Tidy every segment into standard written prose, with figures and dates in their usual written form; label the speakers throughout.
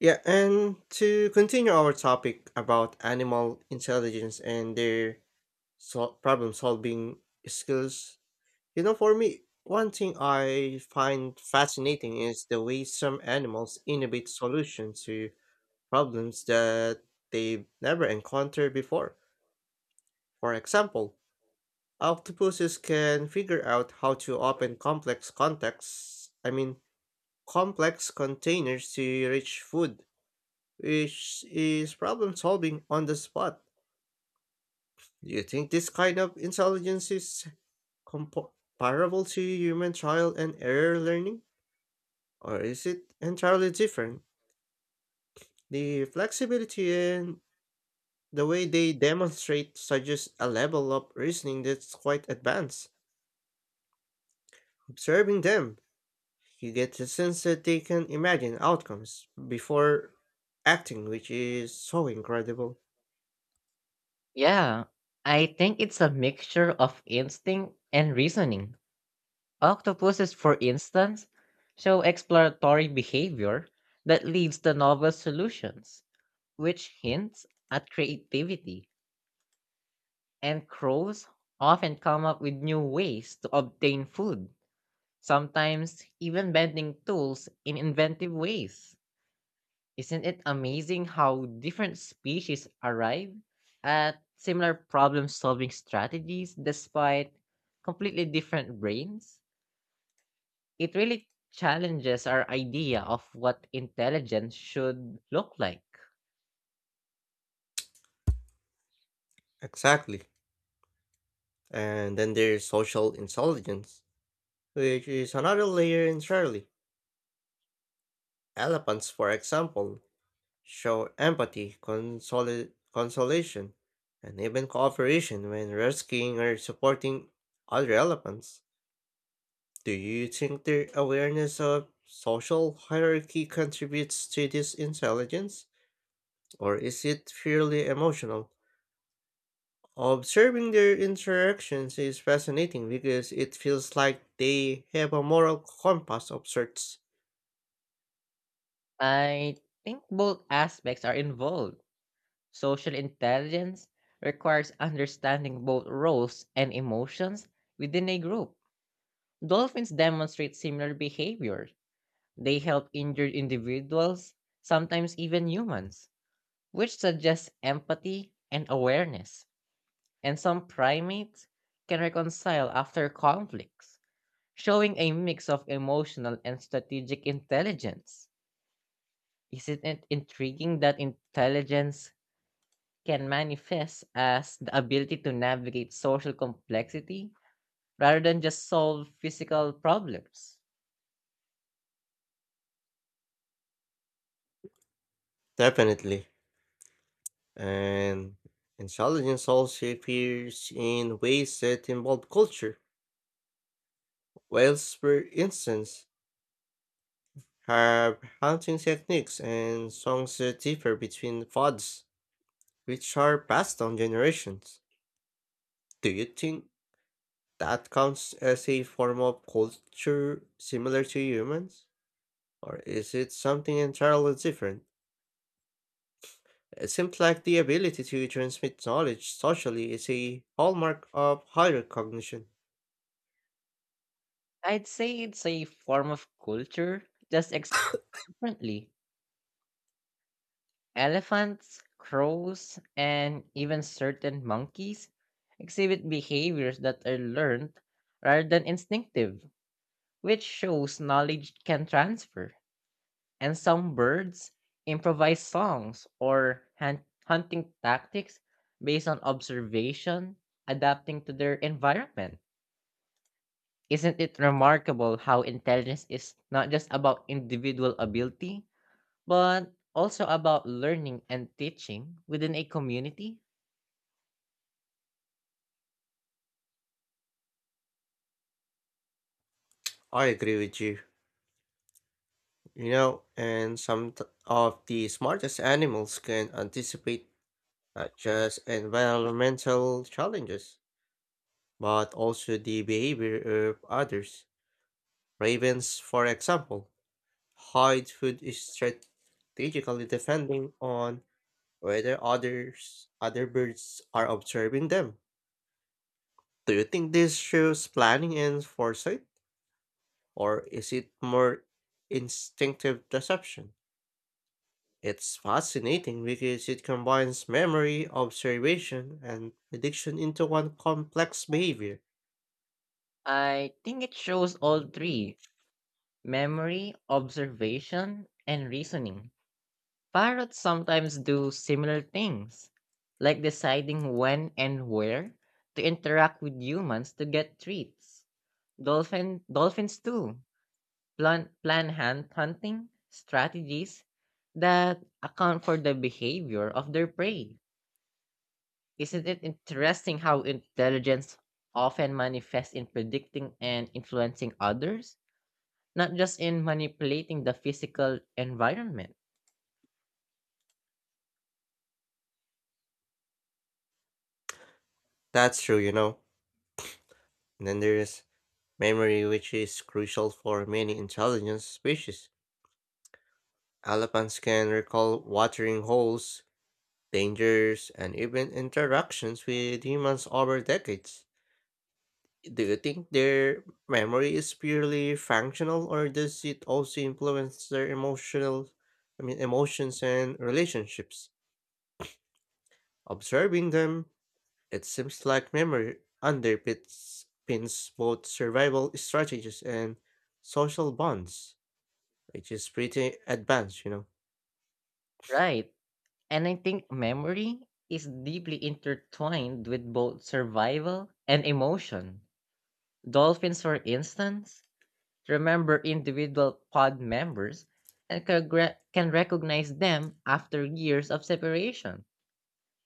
Speaker 1: Yeah, and to continue our topic about animal intelligence and their problem solving skills, you know, for me, one thing I find fascinating is the way some animals innovate solutions to problems that they've never encountered before. For example, octopuses can figure out how to open complex contexts, I mean, complex containers to reach food which is problem solving on the spot. Do you think this kind of intelligence is comparable to human trial and error learning, or is it entirely different? The flexibility and the way they demonstrate suggests a level of reasoning that's quite advanced. Observing them, you get the sense that they can imagine outcomes before acting, which is so incredible.
Speaker 2: Yeah, I think it's a mixture of instinct and reasoning. Octopuses, for instance, show exploratory behavior that leads to novel solutions, which hints at creativity, and crows often come up with new ways to obtain food, sometimes even bending tools in inventive ways. Isn't it amazing how different species arrive at similar problem solving strategies despite completely different brains? It really challenges our idea of what intelligence should look like.
Speaker 1: Exactly. And then there's social intelligence which is another layer entirely. Elephants, for example, show empathy, consolation, and even cooperation when rescuing or supporting other elephants. Do you think their awareness of social hierarchy contributes to this intelligence, or is it purely emotional? Observing their interactions is fascinating because it feels like they have a moral compass of sorts.
Speaker 2: I think both aspects are involved. Social intelligence requires understanding both roles and emotions within a group. Dolphins demonstrate similar behaviors. They help injured individuals, sometimes even humans, which suggests empathy and awareness. And some primates can reconcile after conflicts, showing a mix of emotional and strategic intelligence. Isn't it intriguing that intelligence can manifest as the ability to navigate social complexity rather than just solve physical problems?
Speaker 1: Definitely, and intelligence also appears in ways that involve culture. Whales, for instance, have hunting techniques and songs that differ between pods, which are passed down generations. Do you think that counts as a form of culture similar to humans? Or is it something entirely different? It seems like the ability to transmit knowledge socially is a hallmark of higher cognition.
Speaker 2: I'd say it's a form of culture, just ex- differently. Elephants, crows, and even certain monkeys exhibit behaviors that are learned rather than instinctive, which shows knowledge can transfer. And some birds improvise songs or hunting tactics based on observation, adapting to their environment. Isn't it remarkable how intelligence is not just about individual ability, but also about learning and teaching within a community?
Speaker 1: I agree with you. You know, and some of the smartest animals can anticipate not just environmental challenges, but also the behavior of others. Ravens, for example, hide food is strategically depending on whether other birds are observing them. Do you think this shows planning and foresight, or is it more instinctive deception? It's fascinating because it combines memory, observation, and prediction into one complex behavior.
Speaker 2: I think it shows all three: memory, observation, and reasoning. Parrots sometimes do similar things, like deciding when and where to interact with humans to get treats. Dolphins too plan hunting strategies that account for the behavior of their prey. Isn't it interesting how intelligence often manifests in predicting and influencing others, not just in manipulating the physical environment?
Speaker 1: That's true, you know. And then there's memory, which is crucial for many intelligent species. Elephants can recall watering holes, dangers, and even interactions with humans over decades. Do you think their memory is purely functional, or does it also influence their emotional, I mean, emotions and relationships? Observing them, it seems like memory underpins pins both survival strategies and social bonds, which is pretty advanced, you know.
Speaker 2: Right. And I think memory is deeply intertwined with both survival and emotion. Dolphins, for instance, remember individual pod members and can recognize them after years of separation.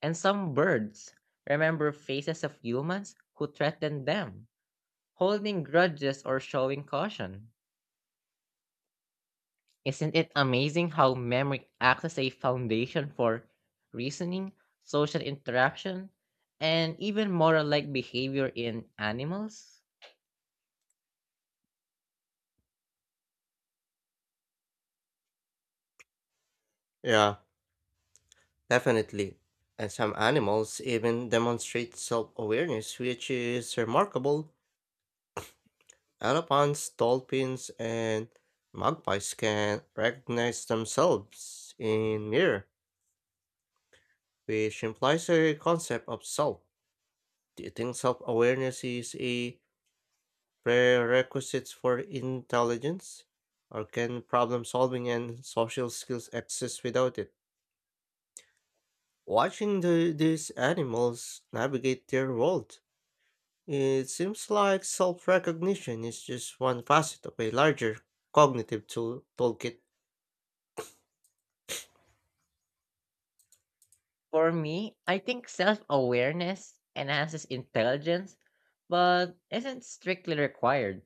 Speaker 2: And some birds remember faces of humans who threatened them, holding grudges or showing caution. Isn't it amazing how memory acts as a foundation for reasoning, social interaction, and even moral like behavior in animals?
Speaker 1: Yeah, definitely. And some animals even demonstrate self awareness, which is remarkable. Elephants, dolphins, and magpies can recognize themselves in mirror, which implies a concept of self. Do you think self awareness is a prerequisites for intelligence, or can problem solving and social skills exist without it? Watching these animals navigate their world, it seems like self recognition is just one facet of a larger cognitive toolkit.
Speaker 2: For me, I think self awareness enhances intelligence, but isn't strictly required.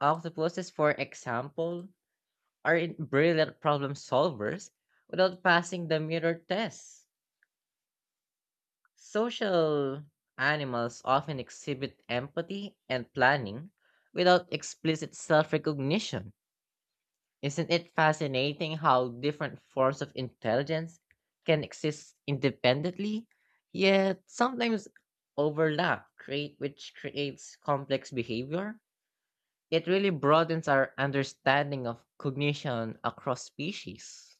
Speaker 2: Octopuses, for example, are brilliant problem solvers without passing the mirror test. Social animals often exhibit empathy and planning without explicit self recognition. Isn't it fascinating how different forms of intelligence can exist independently, yet sometimes which creates complex behavior? It really broadens our understanding of cognition across species.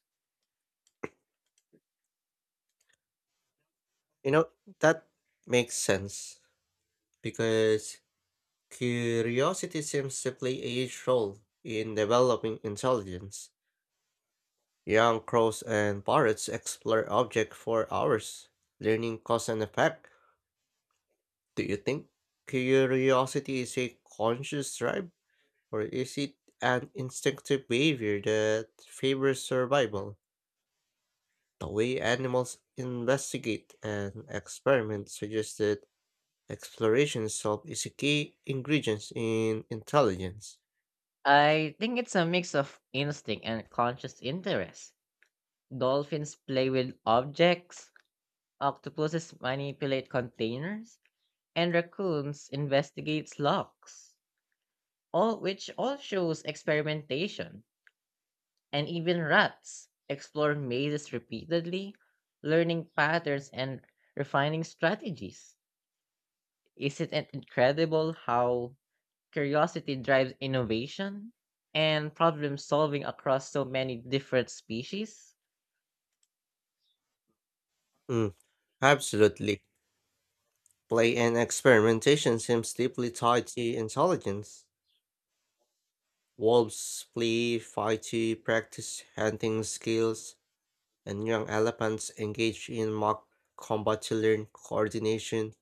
Speaker 1: You know, that makes sense because curiosity seems to play a huge role in developing intelligence. Young crows and parrots explore objects for hours, learning cause and effect. Do you think curiosity is a conscious drive, or is it an instinctive behavior that favors survival? The way animals investigate and experiment suggests that exploration itself is a key ingredient in intelligence.
Speaker 2: I think it's a mix of instinct and conscious interest. Dolphins play with objects, octopuses manipulate containers, and raccoons investigate locks, all which all shows experimentation. And even rats explore mazes repeatedly, learning patterns and refining strategies. Isn't it incredible how curiosity drives innovation and problem solving across so many different species?
Speaker 1: Mm, absolutely. Play and experimentation seems deeply tied to intelligence. Wolves play fight to practice hunting skills, and young elephants engage in mock combat to learn coordination.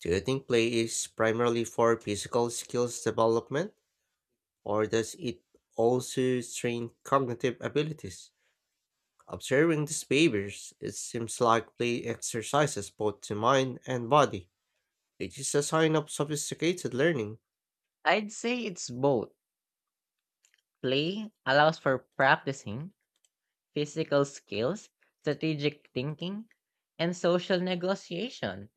Speaker 1: Do you think play is primarily for physical skills development, or does it also train cognitive abilities? Observing these behaviors, it seems like play exercises both the mind and body, which is a sign of sophisticated learning.
Speaker 2: I'd say it's both. Play allows for practicing physical skills, strategic thinking, and social negotiation.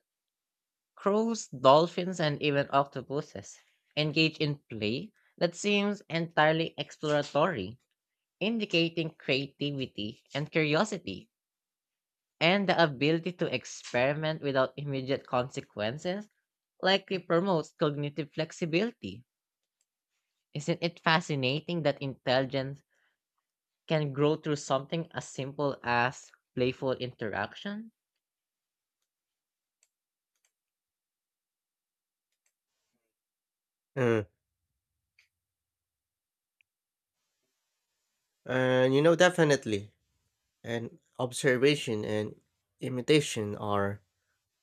Speaker 2: Crows, dolphins, and even octopuses engage in play that seems entirely exploratory, indicating creativity and curiosity, and the ability to experiment without immediate consequences likely promotes cognitive flexibility. Isn't it fascinating that intelligence can grow through something as simple as playful interaction?
Speaker 1: Uh, Definitely. And observation and imitation are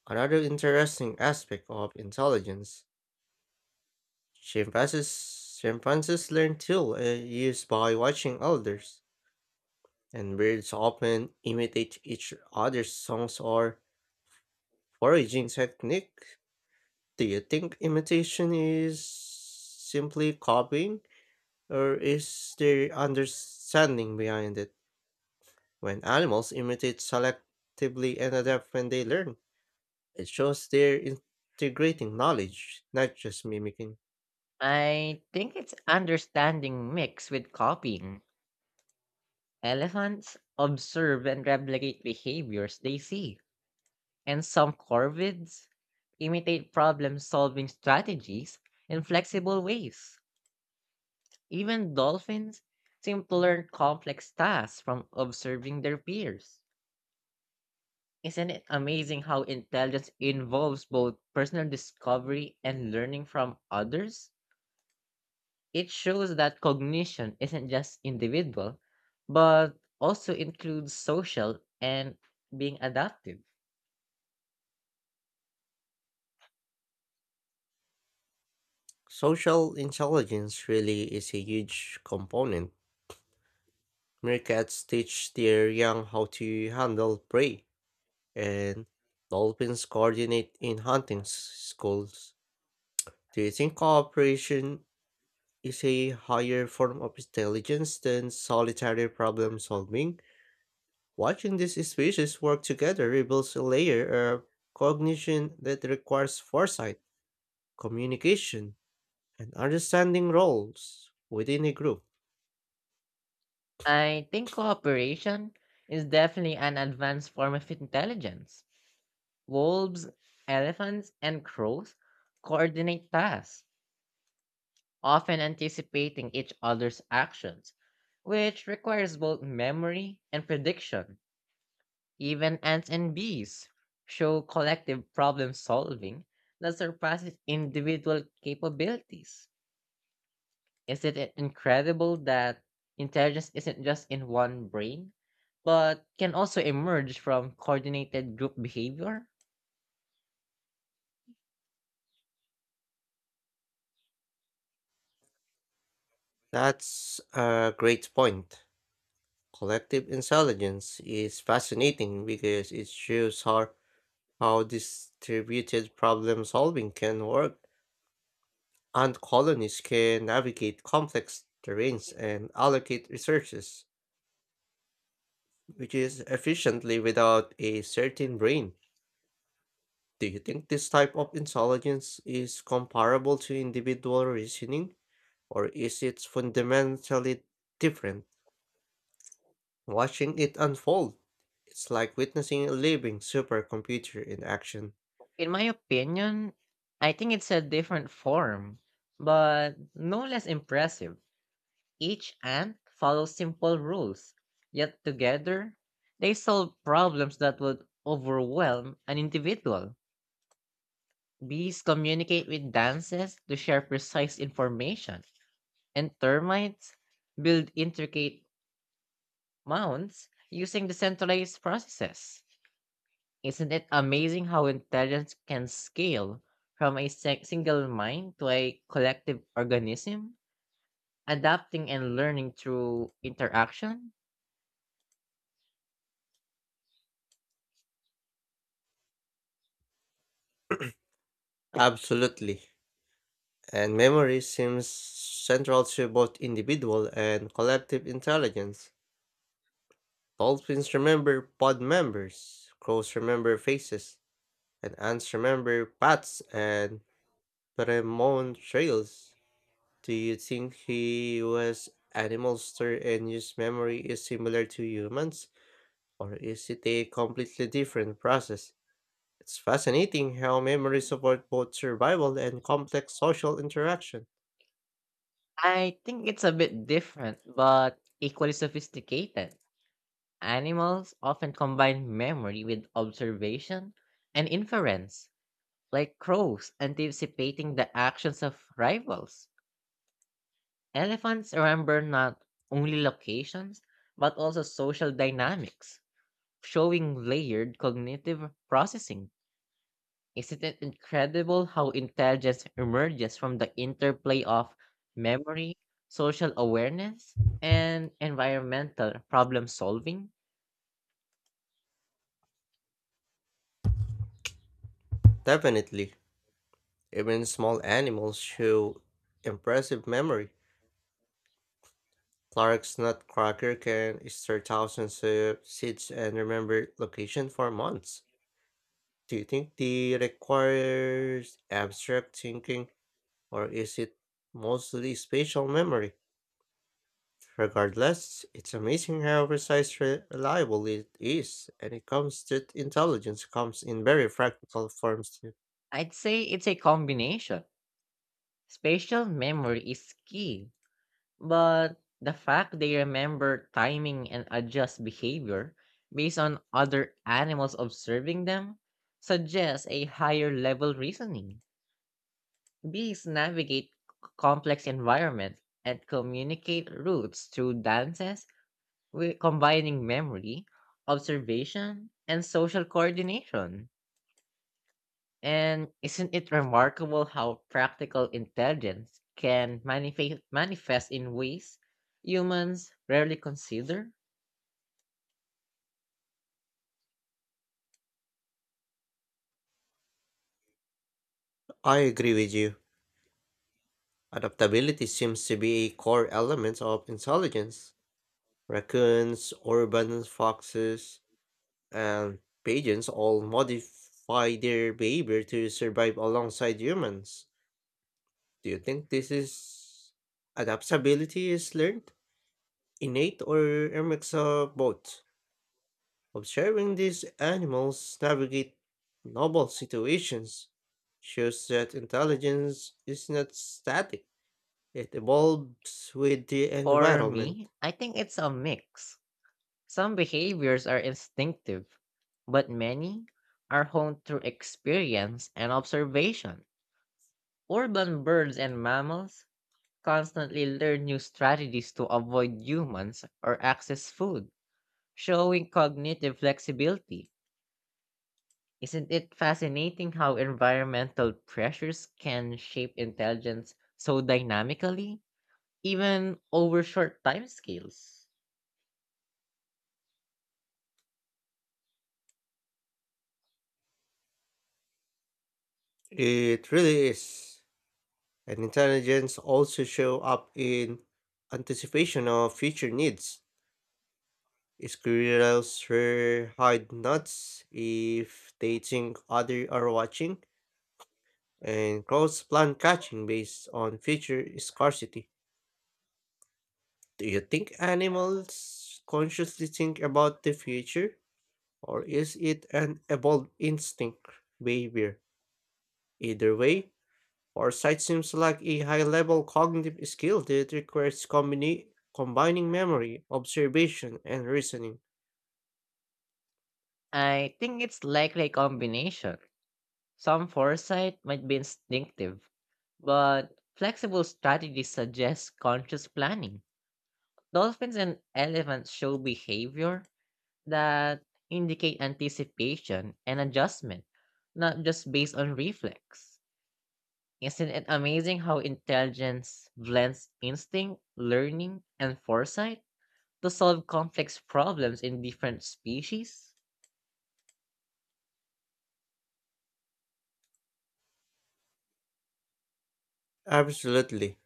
Speaker 1: another interesting aspect of intelligence. Chimpanzees learn tools used by watching others, and birds often imitate each other's songs or foraging technique. Do you think imitation is simply copying, or is there understanding behind it? When animals imitate selectively and adapt when they learn, it shows they're integrating knowledge, not just mimicking.
Speaker 2: I think it's understanding mixed with copying. Elephants observe and replicate behaviors they see, and some corvids imitate problem solving strategies in flexible ways. Even dolphins seem to learn complex tasks from observing their peers. Isn't it amazing how intelligence involves both personal discovery and learning from others? It shows that cognition isn't just individual, but also includes social and being adaptive.
Speaker 1: Social intelligence really is a huge component. Meerkats teach their young how to handle prey, and dolphins coordinate in schools. Do you think cooperation is a higher form of intelligence than solitary problem solving? Watching these species work together reveals a layer of cognition that requires foresight, communication, and understanding roles within a group.
Speaker 2: I think cooperation is definitely an advanced form of intelligence. Wolves, elephants, and crows coordinate tasks, often anticipating each other's actions, which requires both memory and prediction. Even ants and bees show collective problem solving that surpasses individual capabilities. Is it I- incredible that intelligence isn't just in one brain, but can also emerge from coordinated group behavior?
Speaker 1: That's a great point. Collective intelligence is fascinating because it shows how distributed problem solving can work and colonies can navigate complex terrains and allocate resources, which is efficiently without a certain brain. Do you think this type of intelligence is comparable to individual reasoning or is it fundamentally different? Watching it unfold, it's like witnessing a living supercomputer in action.
Speaker 2: In my opinion, I think it's a different form, but no less impressive. Each ant follows simple rules, yet together they solve problems that would overwhelm an individual. Bees communicate with dances to share precise information, and termites build intricate mounds using decentralized processes. Isn't it amazing how intelligence can scale from a single mind to a collective organism, adapting and learning through interaction?
Speaker 1: Absolutely. And memory seems central to both individual and collective intelligence. Dolphins remember pod members, crows remember faces, and ants remember paths and pheromone trails. Do you think he was animalster and his memory is similar to humans, or is it a completely different process? It's fascinating how memory support both survival and complex social interaction.
Speaker 2: I think it's a bit different, but equally sophisticated. Animals often combine memory with observation and inference, like crows anticipating the actions of rivals. Elephants remember not only locations, but also social dynamics, showing layered cognitive processing. Isn't it incredible how intelligence emerges from the interplay of memory, social awareness, and environmental problem solving?
Speaker 1: Definitely, even small animals show impressive memory. Clark's nutcracker can store thousands of seeds and remember location for months. Do you think they requires abstract thinking or is it mostly spatial memory? Regardless, it's amazing how precise reliable it is, and it comes that intelligence comes in very practical forms too.
Speaker 2: I'd say it's a combination. Spatial memory is key, but the fact they remember timing and adjust behavior based on other animals observing them suggests a higher level reasoning. Bees navigate complex environments and communicate routes through dances, combining memory, observation, and social coordination. And isn't it remarkable how practical intelligence can manifest in ways humans rarely consider?
Speaker 1: I agree with you. Adaptability seems to be a core element of intelligence. Raccoons, urban foxes, and pigeons all modify their behavior to survive alongside humans. Do you think this is adaptability is learned, innate, or a mix of both? Observing these animals navigate novel situations shows that intelligence is not static, it evolves with the
Speaker 2: For
Speaker 1: environment.
Speaker 2: me, I think it's a mix. Some behaviors are instinctive, but many are honed through experience and observation. Urban birds and mammals constantly learn new strategies to avoid humans or access food, showing cognitive flexibility. Isn't it fascinating how environmental pressures can shape intelligence so dynamically, even over short timescales?
Speaker 1: It really is. And intelligence also show up in anticipation of future needs. Squirrels rarely hide nuts if they think others are watching, and crows plan catching based on future scarcity. Do you think animals consciously think about the future, or is it an evolved instinct behavior? Either way, foresight seems like a high level cognitive skill that requires combining memory, observation, and reasoning.
Speaker 2: I think it's likely a combination. Some foresight might be instinctive, but flexible strategies suggest conscious planning. Dolphins and elephants show behavior that indicate anticipation and adjustment, not just based on reflex. Isn't it amazing how intelligence blends instinct, learning, and foresight to solve complex problems in different species?
Speaker 1: Absolutely.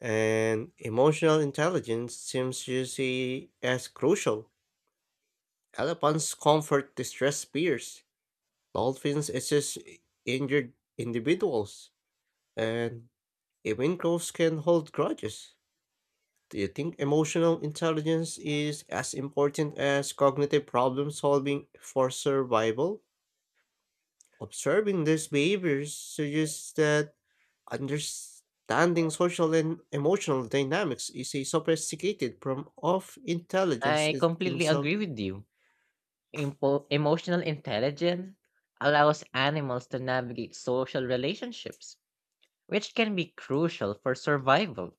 Speaker 1: And emotional intelligence seems to see as crucial. Elephants comfort distressed peers. Dolphins assist injured individuals. And even ghosts can hold grudges. Do you think emotional intelligence is as important as cognitive problem solving for survival? Observing these behaviors suggests that understanding social and emotional dynamics is a sophisticated form of
Speaker 2: I
Speaker 1: in
Speaker 2: completely
Speaker 1: itself.
Speaker 2: agree with you. Impo Emotional intelligence allows animals to navigate social relationships, which can be crucial for survival.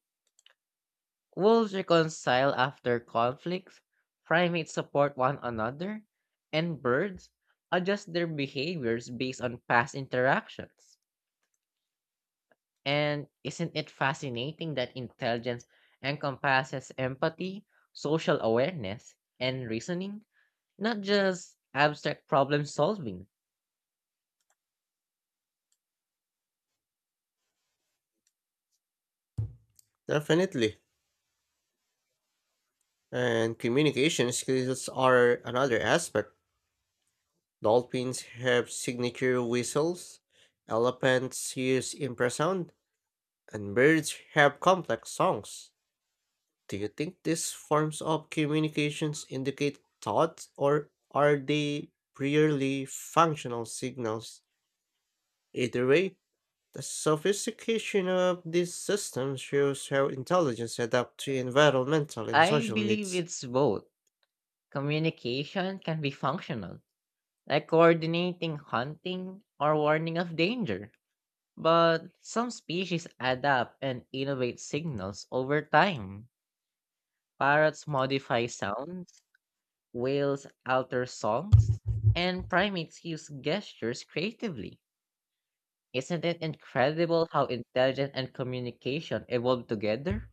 Speaker 2: Wolves reconcile after conflicts, primates support one another, and birds adjust their behaviors based on past interactions. And isn't it fascinating that intelligence encompasses empathy, social awareness, and reasoning, not just abstract problem solving?
Speaker 1: Definitely. And communication skills are another aspect. Dolphins have signature whistles, elephants use infrasound, and birds have complex songs. Do you think these forms of communications indicate thought or are they purely functional signals? Either way, the sophistication of these systems shows how intelligence adapts to environmental and
Speaker 2: I
Speaker 1: social
Speaker 2: believe
Speaker 1: needs.
Speaker 2: it's both. Communication can be functional, like coordinating hunting or warning of danger. But some species adapt and innovate signals over time. Parrots modify sounds, whales alter songs, and primates use gestures creatively. Isn't it incredible how intelligence and communication evolved together,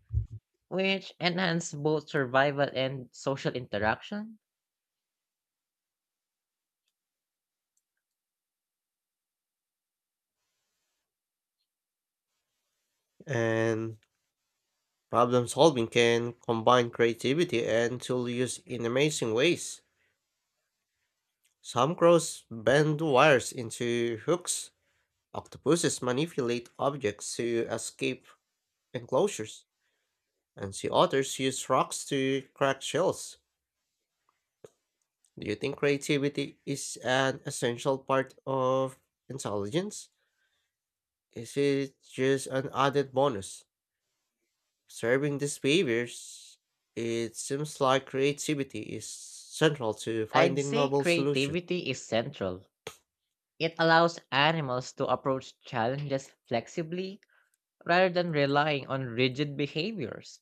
Speaker 2: which enhance both survival and social interaction?
Speaker 1: And problem solving can combine creativity and tool use in amazing ways. Some crows bend wires into hooks. Octopuses manipulate objects to escape enclosures, and sea otters use rocks to crack shells. Do you think creativity is an essential part of intelligence? Is it just an added bonus? Observing these behaviors, it seems like creativity is central to
Speaker 2: I'd
Speaker 1: finding
Speaker 2: say
Speaker 1: novel solutions.
Speaker 2: creativity is central. It allows animals to approach challenges flexibly. Rather than relying on rigid behaviors,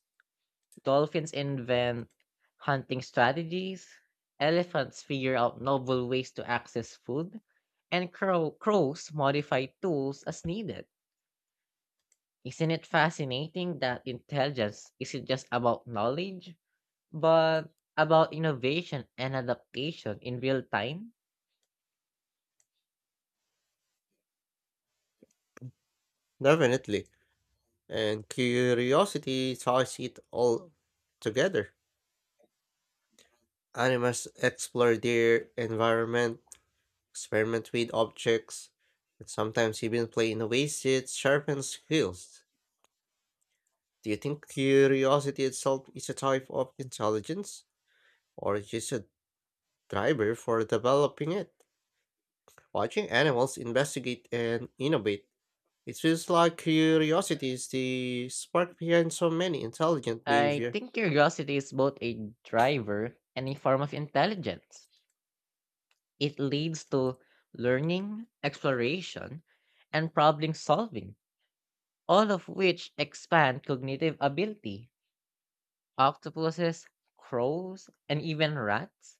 Speaker 2: dolphins invent hunting strategies, elephants figure out novel ways to access food, and crows modify tools as needed. Isn't it fascinating that intelligence isn't just about knowledge, but about innovation and adaptation in real time?
Speaker 1: Definitely, and curiosity ties it all together. Animals explore their environment, experiment with objects, and sometimes even play in ways that sharpen skills. Do you think curiosity itself is a type of intelligence, or just a driver for developing it? Watching animals investigate and innovate, it feels like curiosity is the spark behind so many intelligent
Speaker 2: I
Speaker 1: behavior.
Speaker 2: think curiosity is both a driver and a form of intelligence. It leads to learning, exploration, and problem solving, all of which expand cognitive ability. Octopuses, crows, and even rats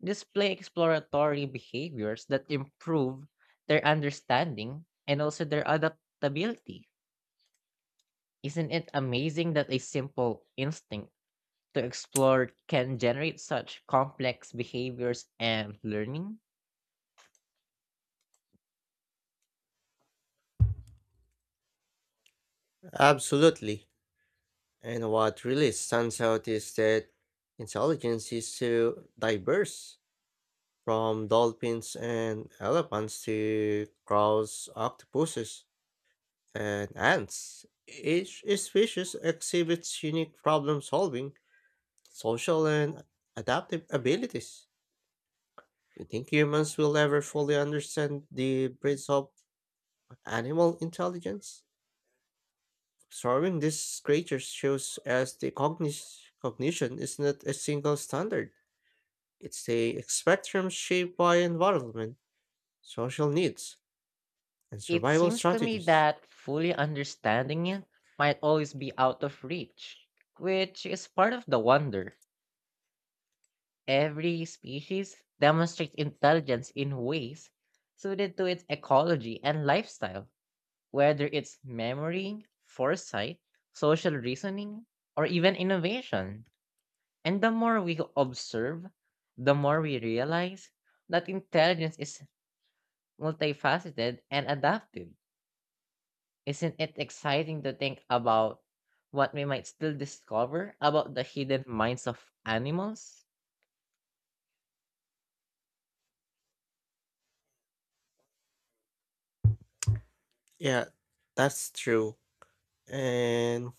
Speaker 2: display exploratory behaviors that improve their understanding and also their adaptability. Isn't it amazing that a simple instinct to explore can generate such complex behaviors and learning?
Speaker 1: Absolutely. And what really stands out is that intelligence is so diverse, from dolphins and elephants to crows, octopuses, and ants. Each species exhibits unique problem solving, social, and adaptive abilities. Do you think humans will ever fully understand the breadth of animal intelligence? Observing these creatures shows us the cognition is not a single standard. It's a spectrum shaped by environment, social needs, and
Speaker 2: It
Speaker 1: survival
Speaker 2: seems to me
Speaker 1: strategies.
Speaker 2: that fully understanding it might always be out of reach, which is part of the wonder. Every species demonstrates intelligence in ways suited to its ecology and lifestyle, whether it's memory, foresight, social reasoning, or even innovation. And the more we observe, the more we realize that intelligence is multifaceted and adaptive. Isn't it exciting to think about what we might still discover about the hidden minds of animals?
Speaker 1: Yeah, that's true. And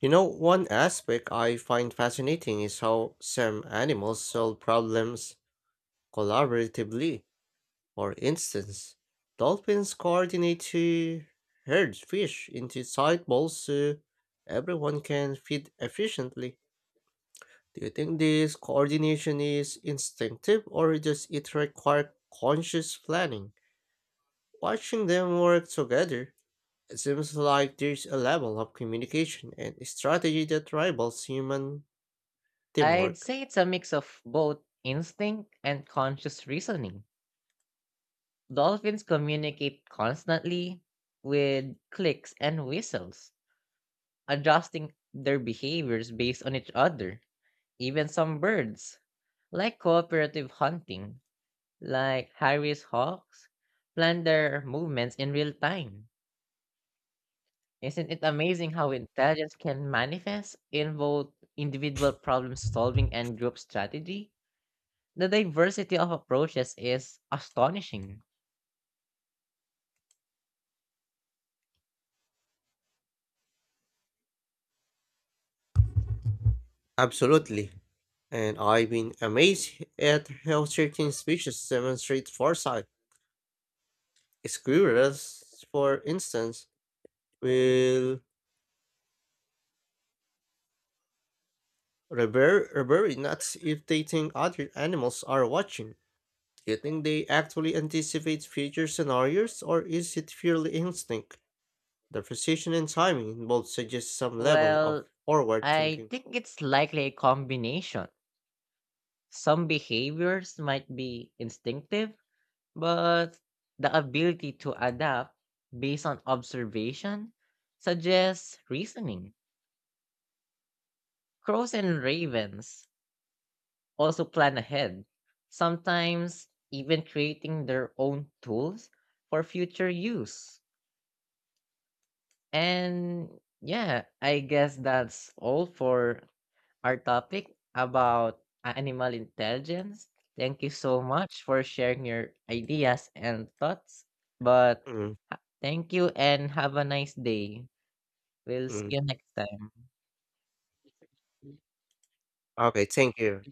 Speaker 1: you know, one aspect I find fascinating is how some animals solve problems collaboratively. For instance, dolphins coordinate to herd fish into tight balls so everyone can feed efficiently. Do you think this coordination is instinctive or does it require conscious planning? Watching them work together, it seems like there's a level of communication and strategy that rivals human
Speaker 2: I'd
Speaker 1: teamwork.
Speaker 2: say it's a mix of both instinct and conscious reasoning. Dolphins communicate constantly with clicks and whistles, adjusting their behaviors based on each other. Even some birds, like cooperative hunting, like Harry's hawks, plan their movements in real time. Isn't it amazing how intelligence can manifest in both individual problem solving and group strategy? The diversity of approaches is astonishing.
Speaker 1: Absolutely. And I've been amazed at how certain species demonstrate foresight. Squirrels, for instance, will rebury nuts if they think other animals are watching. Do you think they actually anticipate future scenarios, or is it purely instinct? The precision and timing involved suggests some level of
Speaker 2: Well,
Speaker 1: forward
Speaker 2: I
Speaker 1: thinking.
Speaker 2: think it's likely a combination. Some behaviors might be instinctive, but the ability to adapt based on observation suggests reasoning. Crows and ravens also plan ahead, sometimes even creating their own tools for future use. And yeah, I guess that's all for our topic about animal intelligence. Thank you so much for sharing your ideas and thoughts. But
Speaker 1: Mm,
Speaker 2: Thank you, and have a nice day. We'll see
Speaker 1: mm.
Speaker 2: you next time.
Speaker 1: Okay, thank you.